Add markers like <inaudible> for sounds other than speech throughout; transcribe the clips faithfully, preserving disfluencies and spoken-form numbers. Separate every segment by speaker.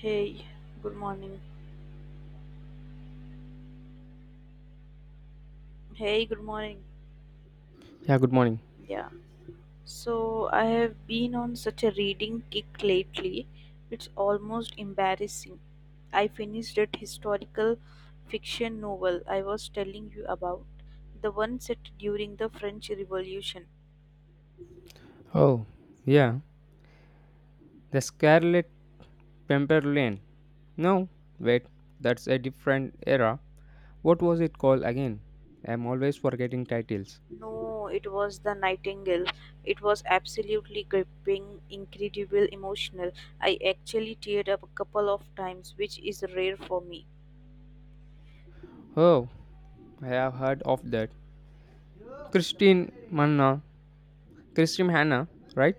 Speaker 1: Hey, good morning. Hey, good morning.
Speaker 2: Yeah, good morning.
Speaker 1: Yeah. So I have been on such a reading kick lately. It's almost embarrassing. I finished that historical fiction novel I was telling you about, the one set during the French Revolution.
Speaker 2: Oh, yeah, the Scarlet Pimpernel. No, wait, that's a different era. What was it called again? I'm always forgetting titles.
Speaker 1: No, it was The Nightingale. It was absolutely gripping, incredible, emotional. I actually teared up a couple of times, which is rare for me.
Speaker 2: Oh, I have heard of that. Christine Manna, Christine Hannah, right?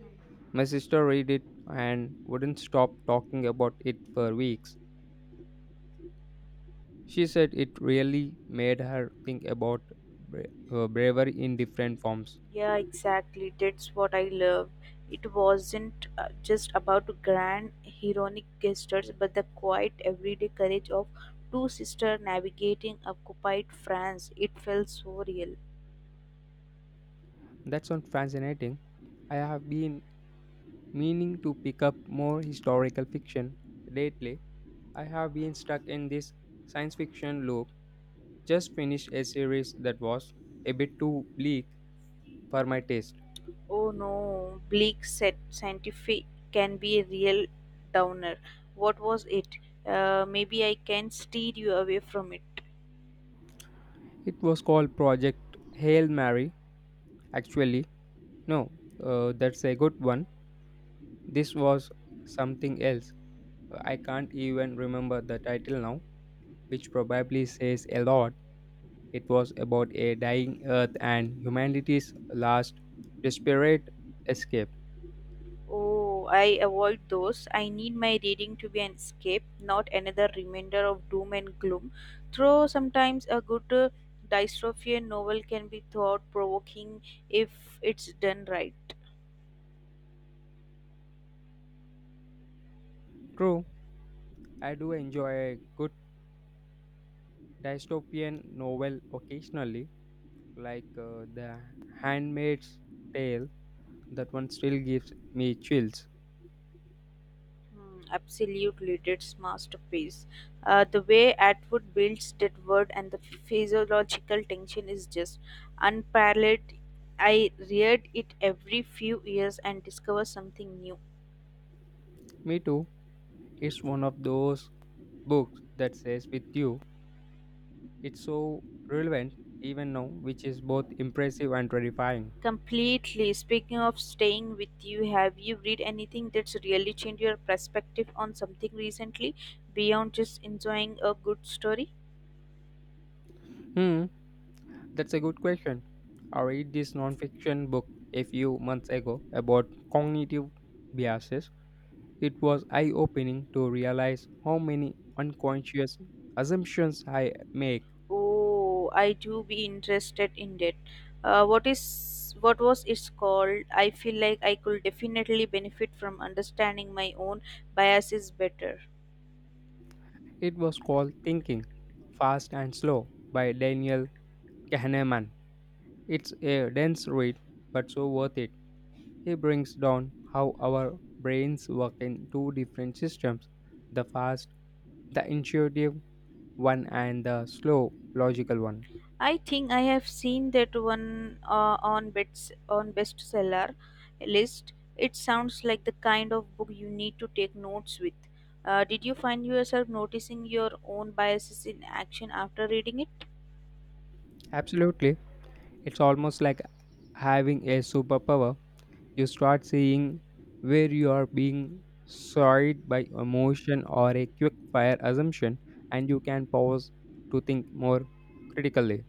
Speaker 2: My sister read it and wouldn't stop talking about it for weeks. She said it really made her think about bra- uh, bravery in different forms.
Speaker 1: Yeah, exactly. That's what I love. It wasn't uh, just about grand heroic gestures, but the quiet everyday courage of two sisters navigating occupied France. It felt so real.
Speaker 2: That sounds fascinating. I have been meaning to pick up more historical fiction. Lately, I have been stuck in this science fiction loop. Just finished a series that was a bit too bleak for my taste.
Speaker 1: Oh no, bleak said scientific can be a real downer. What was it? Uh, maybe I can steer you away from it.
Speaker 2: It was called Project Hail Mary. Actually, no, uh, that's a good one. This was something else. I can't even remember the title now, which probably says a lot. It was about a dying Earth and humanity's last desperate escape.
Speaker 1: Oh, I avoid those. I need my reading to be an escape, not another reminder of doom and gloom. Though sometimes a good uh, dystopian novel can be thought provoking if it's done right.
Speaker 2: True. I do enjoy a good dystopian novel occasionally, like uh, The Handmaid's Tale. That one still gives me chills.
Speaker 1: Hmm, absolutely, that's masterpiece. Uh, the way Atwood builds that word and the physiological tension is just unparalleled. I read it every few years and discover something new.
Speaker 2: Me too. It's one of those books that stays with you. It's so relevant even now, which is both impressive and terrifying.
Speaker 1: Completely. Speaking of staying with you, have you read anything that's really changed your perspective on something recently beyond just enjoying a good story?
Speaker 2: Hmm, that's a good question. I read this nonfiction book a few months ago about cognitive biases. It was eye opening to realize how many unconscious assumptions I make.
Speaker 1: Oh, I do be interested in that. Uh, what is what was it's called? I feel like I could definitely benefit from understanding my own biases better.
Speaker 2: It was called Thinking Fast and Slow by Daniel Kahneman. It's a dense read, but so worth it. He brings down how our brains work in two different systems, the fast, the intuitive one, and the slow, logical one.
Speaker 1: I think I have seen that one uh, on bits on bestseller list. It sounds like the kind of book you need to take notes with. Uh, did you find yourself noticing your own biases in action after reading it?
Speaker 2: Absolutely. It's almost like having a superpower. You start seeing where you are being swayed by emotion or a quick fire assumption, and you can pause to think more critically.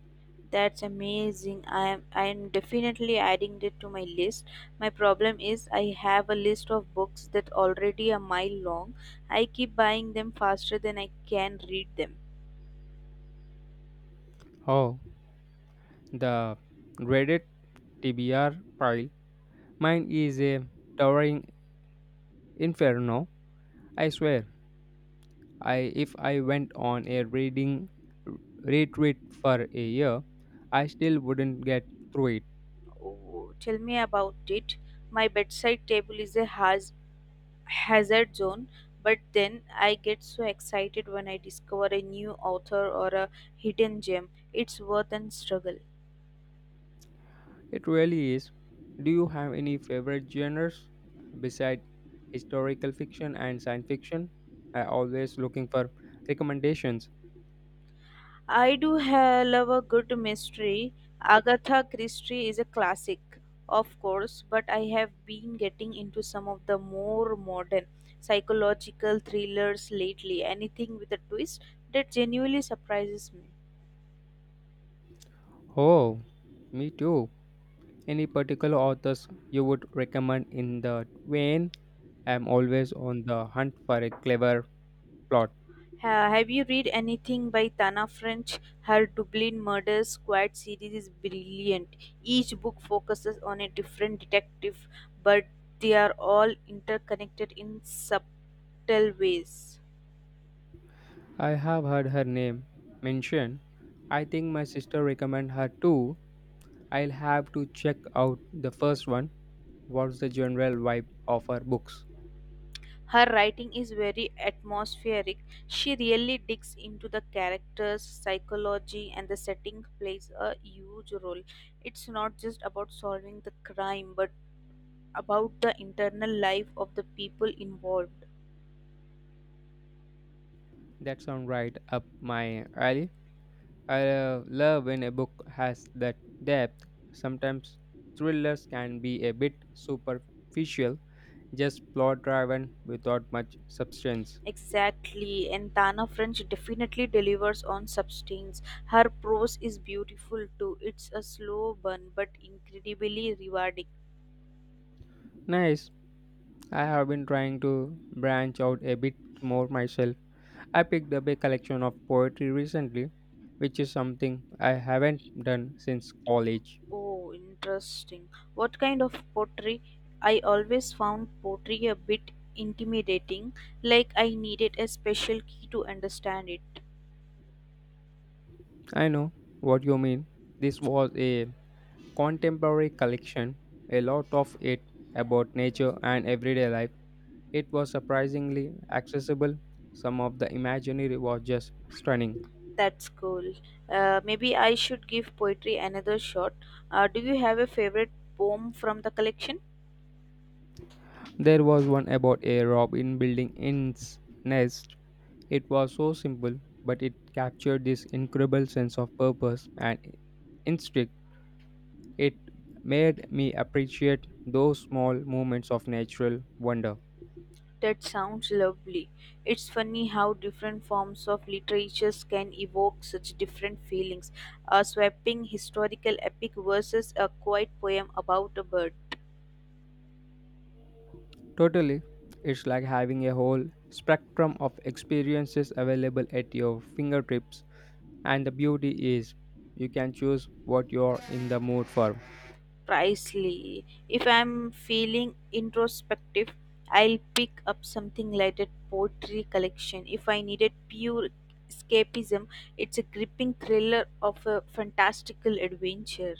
Speaker 1: That's amazing. I am I am definitely adding it to my list. My problem is I have a list of books that already a mile long. I keep buying them faster than I can read them.
Speaker 2: Oh, the Reddit T B R pile. Mine is a towering inferno. I swear. I If I went on a reading retreat for a year, I still wouldn't get through it.
Speaker 1: Oh, tell me about it. My bedside table is a haz- hazard zone, but then I get so excited when I discover a new author or a hidden gem. It's worth and struggle.
Speaker 2: It really is. Do you have any favorite genres besides historical fiction and science fiction? I always looking for recommendations.
Speaker 1: I do ha- love a good mystery. Agatha Christie is a classic, of course, but I have been getting into some of the more modern psychological thrillers lately. Anything with a twist that genuinely surprises me.
Speaker 2: Oh, me too. Any particular authors you would recommend in the vein? I'm always on the hunt for a clever plot.
Speaker 1: Ha- have you read anything by Tana French? Her Dublin Murder Squad series is brilliant. Each book focuses on a different detective, but they are all interconnected in subtle ways.
Speaker 2: I have heard her name mentioned. I think my sister recommend her too. I'll have to check out the first one. What's the general vibe of her books?
Speaker 1: Her writing is very atmospheric. She really digs into the characters, psychology, and the setting plays a huge role. It's not just about solving the crime, but about the internal life of the people involved.
Speaker 2: That sounds right up my alley. I uh, love when a book has that depth. Sometimes thrillers can be a bit superficial, just plot driven without much substance.
Speaker 1: Exactly, and Tana French definitely delivers on substance. Her prose is beautiful too. It's a slow burn but incredibly rewarding.
Speaker 2: Nice. I have been trying to branch out a bit more myself. I picked up a collection of poetry recently, which is something I haven't done since college.
Speaker 1: Oh, interesting. What kind of poetry? I always found poetry a bit intimidating, like I needed a special key to understand it.
Speaker 2: I know what you mean. This was a contemporary collection, a lot of it about nature and everyday life. It was surprisingly accessible. Some of the imaginary was just stunning.
Speaker 1: That's cool. Uh, maybe I should give poetry another shot. Uh, do you have a favorite poem from the collection?
Speaker 2: There was one about a robin building its nest. It was so simple, but it captured this incredible sense of purpose and instinct. It made me appreciate those small moments of natural wonder.
Speaker 1: That sounds lovely. It's funny how different forms of literatures can evoke such different feelings. A sweeping historical epic versus a quiet poem about a bird.
Speaker 2: Totally. It's like having a whole spectrum of experiences available at your fingertips. And the beauty is, you can choose what you're in the mood for.
Speaker 1: Precisely. If I'm feeling introspective, I'll pick up something like that poetry collection. If I needed pure escapism, it's a gripping thriller of a fantastical adventure.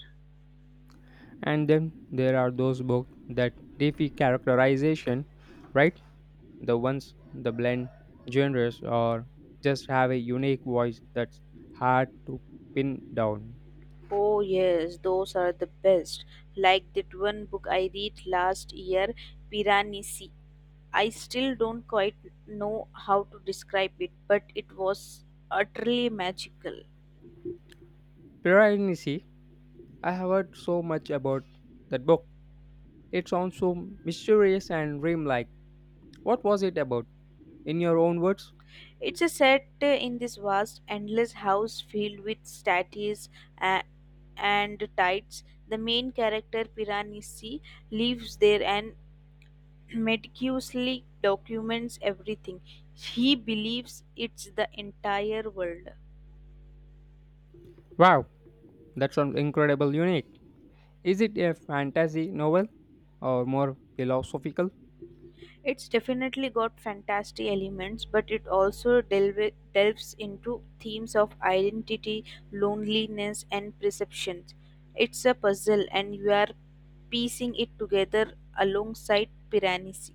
Speaker 2: And then there are those books that defy characterization, right? The ones that blend genres or just have a unique voice that's hard to pin down.
Speaker 1: Oh, yes, those are the best. Like that one book I read last year, Piranesi. I still don't quite know how to describe it, but it was utterly magical.
Speaker 2: Pira Nisi, I have heard so much about that book. It sounds so mysterious and dreamlike. What was it about? In your own words?
Speaker 1: It's a set in this vast, endless house filled with statues a- and tides. The main character, Piranesi, lives there and <clears throat> meticulously documents everything. He believes it's the entire world.
Speaker 2: Wow, that sounds incredible unique. Is it a fantasy novel or more philosophical?
Speaker 1: It's definitely got fantasy elements, but it also delve- delves into themes of identity, loneliness, and perceptions. It's a puzzle, and you are piecing it together alongside Piranesi.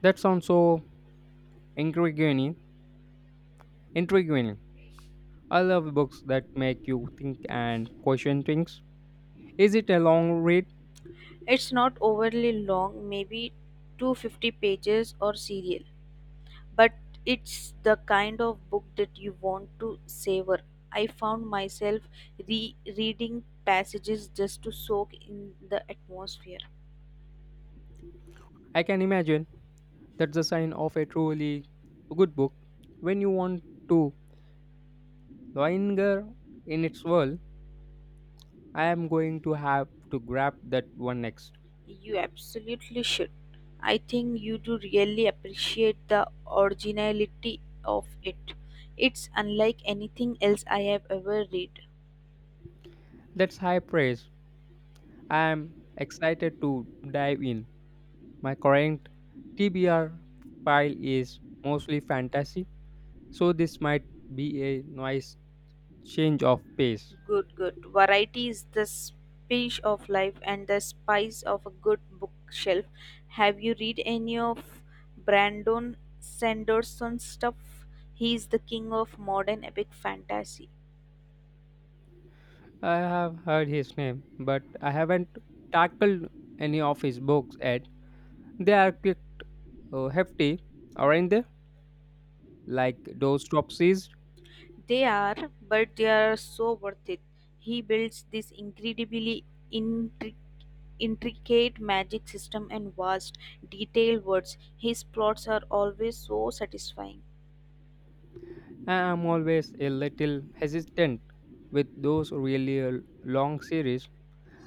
Speaker 2: That sounds so intriguing. Intriguing. I love books that make you think and question things. Is it a long read?
Speaker 1: It's not overly long, maybe two hundred fifty pages or serial, but it's the kind of book that you want to savor. I found myself re reading passages just to soak in the atmosphere.
Speaker 2: I can imagine. That's a sign of a truly good book. When you want to linger in its world, I am going to have to grab that one next.
Speaker 1: You absolutely should. I think you do really appreciate the originality of it. It's unlike anything else I have ever read.
Speaker 2: That's high praise. I am excited to dive in. My current T B R pile is mostly fantasy, so this might be a nice change of pace.
Speaker 1: Good, good. Variety is the spice of life and the spice of a good bookshelf. Have you read any of Brandon Sanderson's stuff? He's the king of modern epic fantasy.
Speaker 2: I have heard his name, but I haven't tackled any of his books yet. They are quick, uh, hefty, aren't they? Like those topsies.
Speaker 1: They are, but they are so worth it. He builds this incredibly intric- intricate magic system and vast, detailed words. His plots are always so satisfying.
Speaker 2: I'm always a little hesitant with those really uh, long series.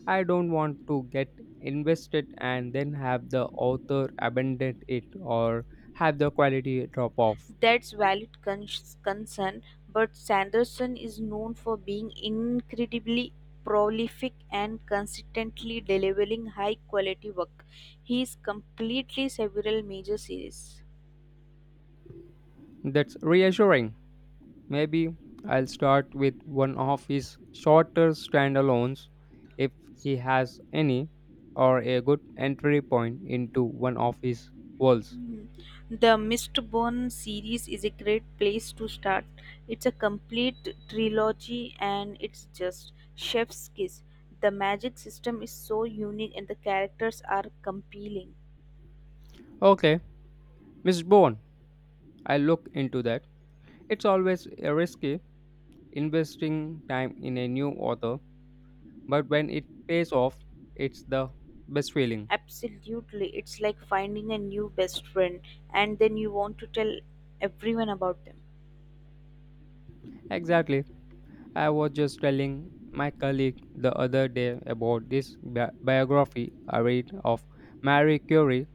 Speaker 2: I don't want to get invested and then have the author abandon it or have the quality drop off.
Speaker 1: That's valid con- concern, but Sanderson is known for being incredibly prolific and consistently delivering high quality work. He is completely several major series.
Speaker 2: That's reassuring. Maybe I'll start with one of his shorter standalones if he has any, or a good entry point into one of his worlds.
Speaker 1: Mm. The Mistborn series is a great place to start. It's a complete trilogy and it's just chef's kiss. The magic system is so unique and the characters are compelling.
Speaker 2: Okay, Miss Bourne, I'll look into that. It's always risky investing time in a new author but when it pays off, it's the best feeling.
Speaker 1: Absolutely, it's like finding a new best friend and then you want to tell everyone about them.
Speaker 2: Exactly. I was just telling my colleague the other day about this bi- biography I read of Marie Curie.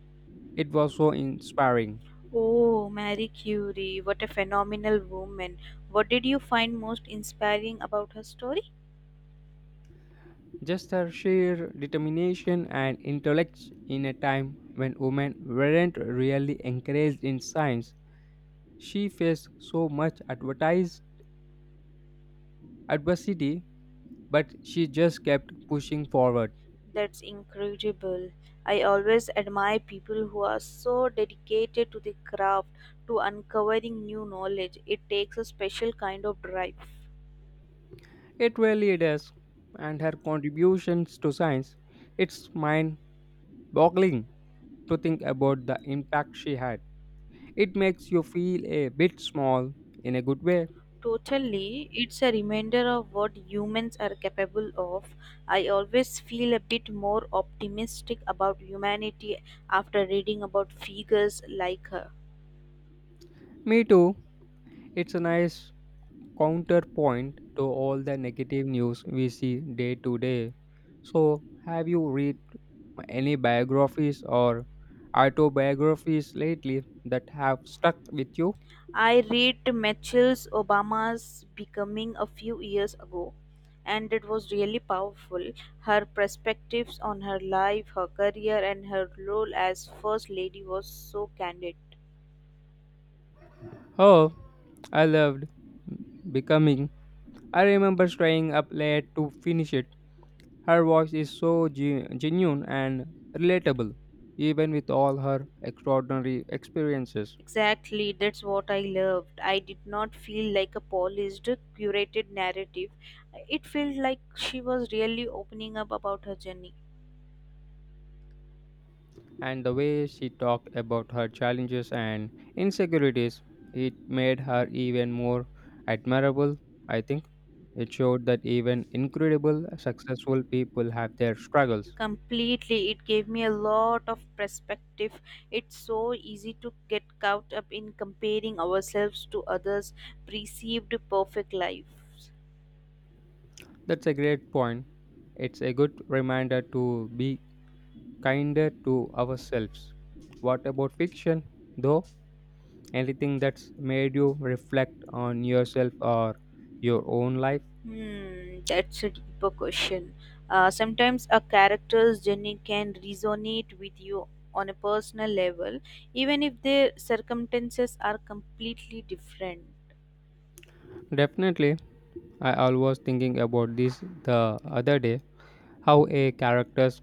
Speaker 2: It was so inspiring.
Speaker 1: Oh, Marie Curie, what a phenomenal woman. What did you find most inspiring about her story?
Speaker 2: Just her sheer determination and intellect in a time when women weren't really encouraged in science. She faced so much advertised adversity, but she just kept pushing forward.
Speaker 1: That's incredible. I always admire people who are so dedicated to the craft, to uncovering new knowledge. It takes a special kind of drive.
Speaker 2: It really it is, and her contributions to science, it's mind-boggling to think about the impact she had. It makes you feel a bit small in a good way.
Speaker 1: Totally, it's a reminder of what humans are capable of. I always feel a bit more optimistic about humanity after reading about figures like her.
Speaker 2: Me too. It's a nice counterpoint to all the negative news we see day to day. So, have you read any biographies or autobiographies lately that have stuck with you?
Speaker 1: I read Michelle's Obama's Becoming a few years ago, and it was really powerful. Her perspectives on her life, her career, and her role as First Lady was so candid.
Speaker 2: Oh, I loved becoming. I remember staying up late to finish it. Her voice is so ge- genuine and relatable, even with all her extraordinary experiences.
Speaker 1: Exactly, that's what I loved. I did not feel like a polished, curated narrative. It felt like she was really opening up about her journey.
Speaker 2: And the way she talked about her challenges and insecurities, it made her even more admirable, I think. It showed that even incredible, successful people have their struggles.
Speaker 1: Completely, it gave me a lot of perspective. It's so easy to get caught up in comparing ourselves to others' perceived perfect lives.
Speaker 2: That's a great point. It's a good reminder to be kinder to ourselves. What about fiction, though? Anything that's made you reflect on yourself or your own life?
Speaker 1: Hmm, that's a deeper question. Uh, sometimes a character's journey can resonate with you on a personal level, even if their circumstances are completely different.
Speaker 2: Definitely, I always thinking about this the other day how a character's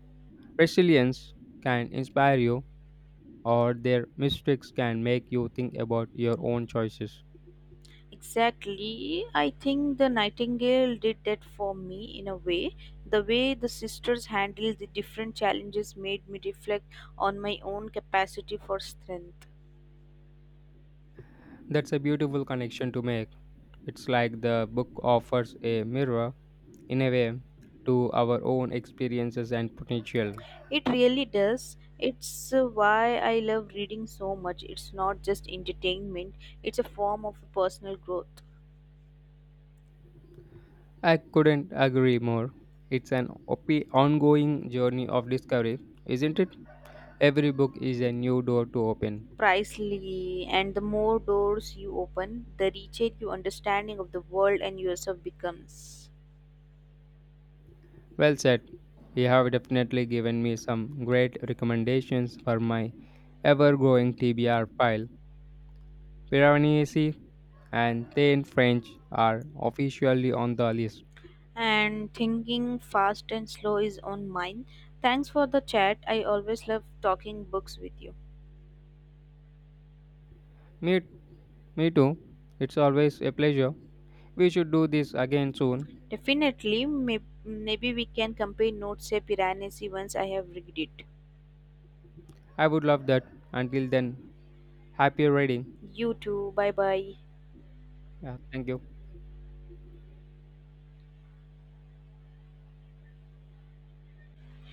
Speaker 2: resilience can inspire you or their mistakes can make you think about your own choices.
Speaker 1: Exactly. I think the Nightingale did that for me in a way. The way the sisters handled the different challenges made me reflect on my own capacity for strength.
Speaker 2: That's a beautiful connection to make. It's like the book offers a mirror in a way to our own experiences and potential.
Speaker 1: It really does. It's uh, why I love reading so much. It's not just entertainment, it's a form of personal growth.
Speaker 2: I couldn't agree more. It's an op- ongoing journey of discovery, isn't it? Every book is a new door to open.
Speaker 1: Precisely. And the more doors you open, the richer your understanding of the world and yourself becomes.
Speaker 2: Well said. You have definitely given me some great recommendations for my ever growing T B R pile. Piranesi and Ten French are officially on the list.
Speaker 1: And thinking fast and slow is on mine. Thanks for the chat. I always love talking books with you.
Speaker 2: Me, me too. It's always a pleasure. We should do this again soon.
Speaker 1: Definitely, may- maybe we can compare notes. Say Piranesi once I have read it.
Speaker 2: I would love that. Until then, happy reading.
Speaker 1: You too. Bye bye.
Speaker 2: Yeah, thank you.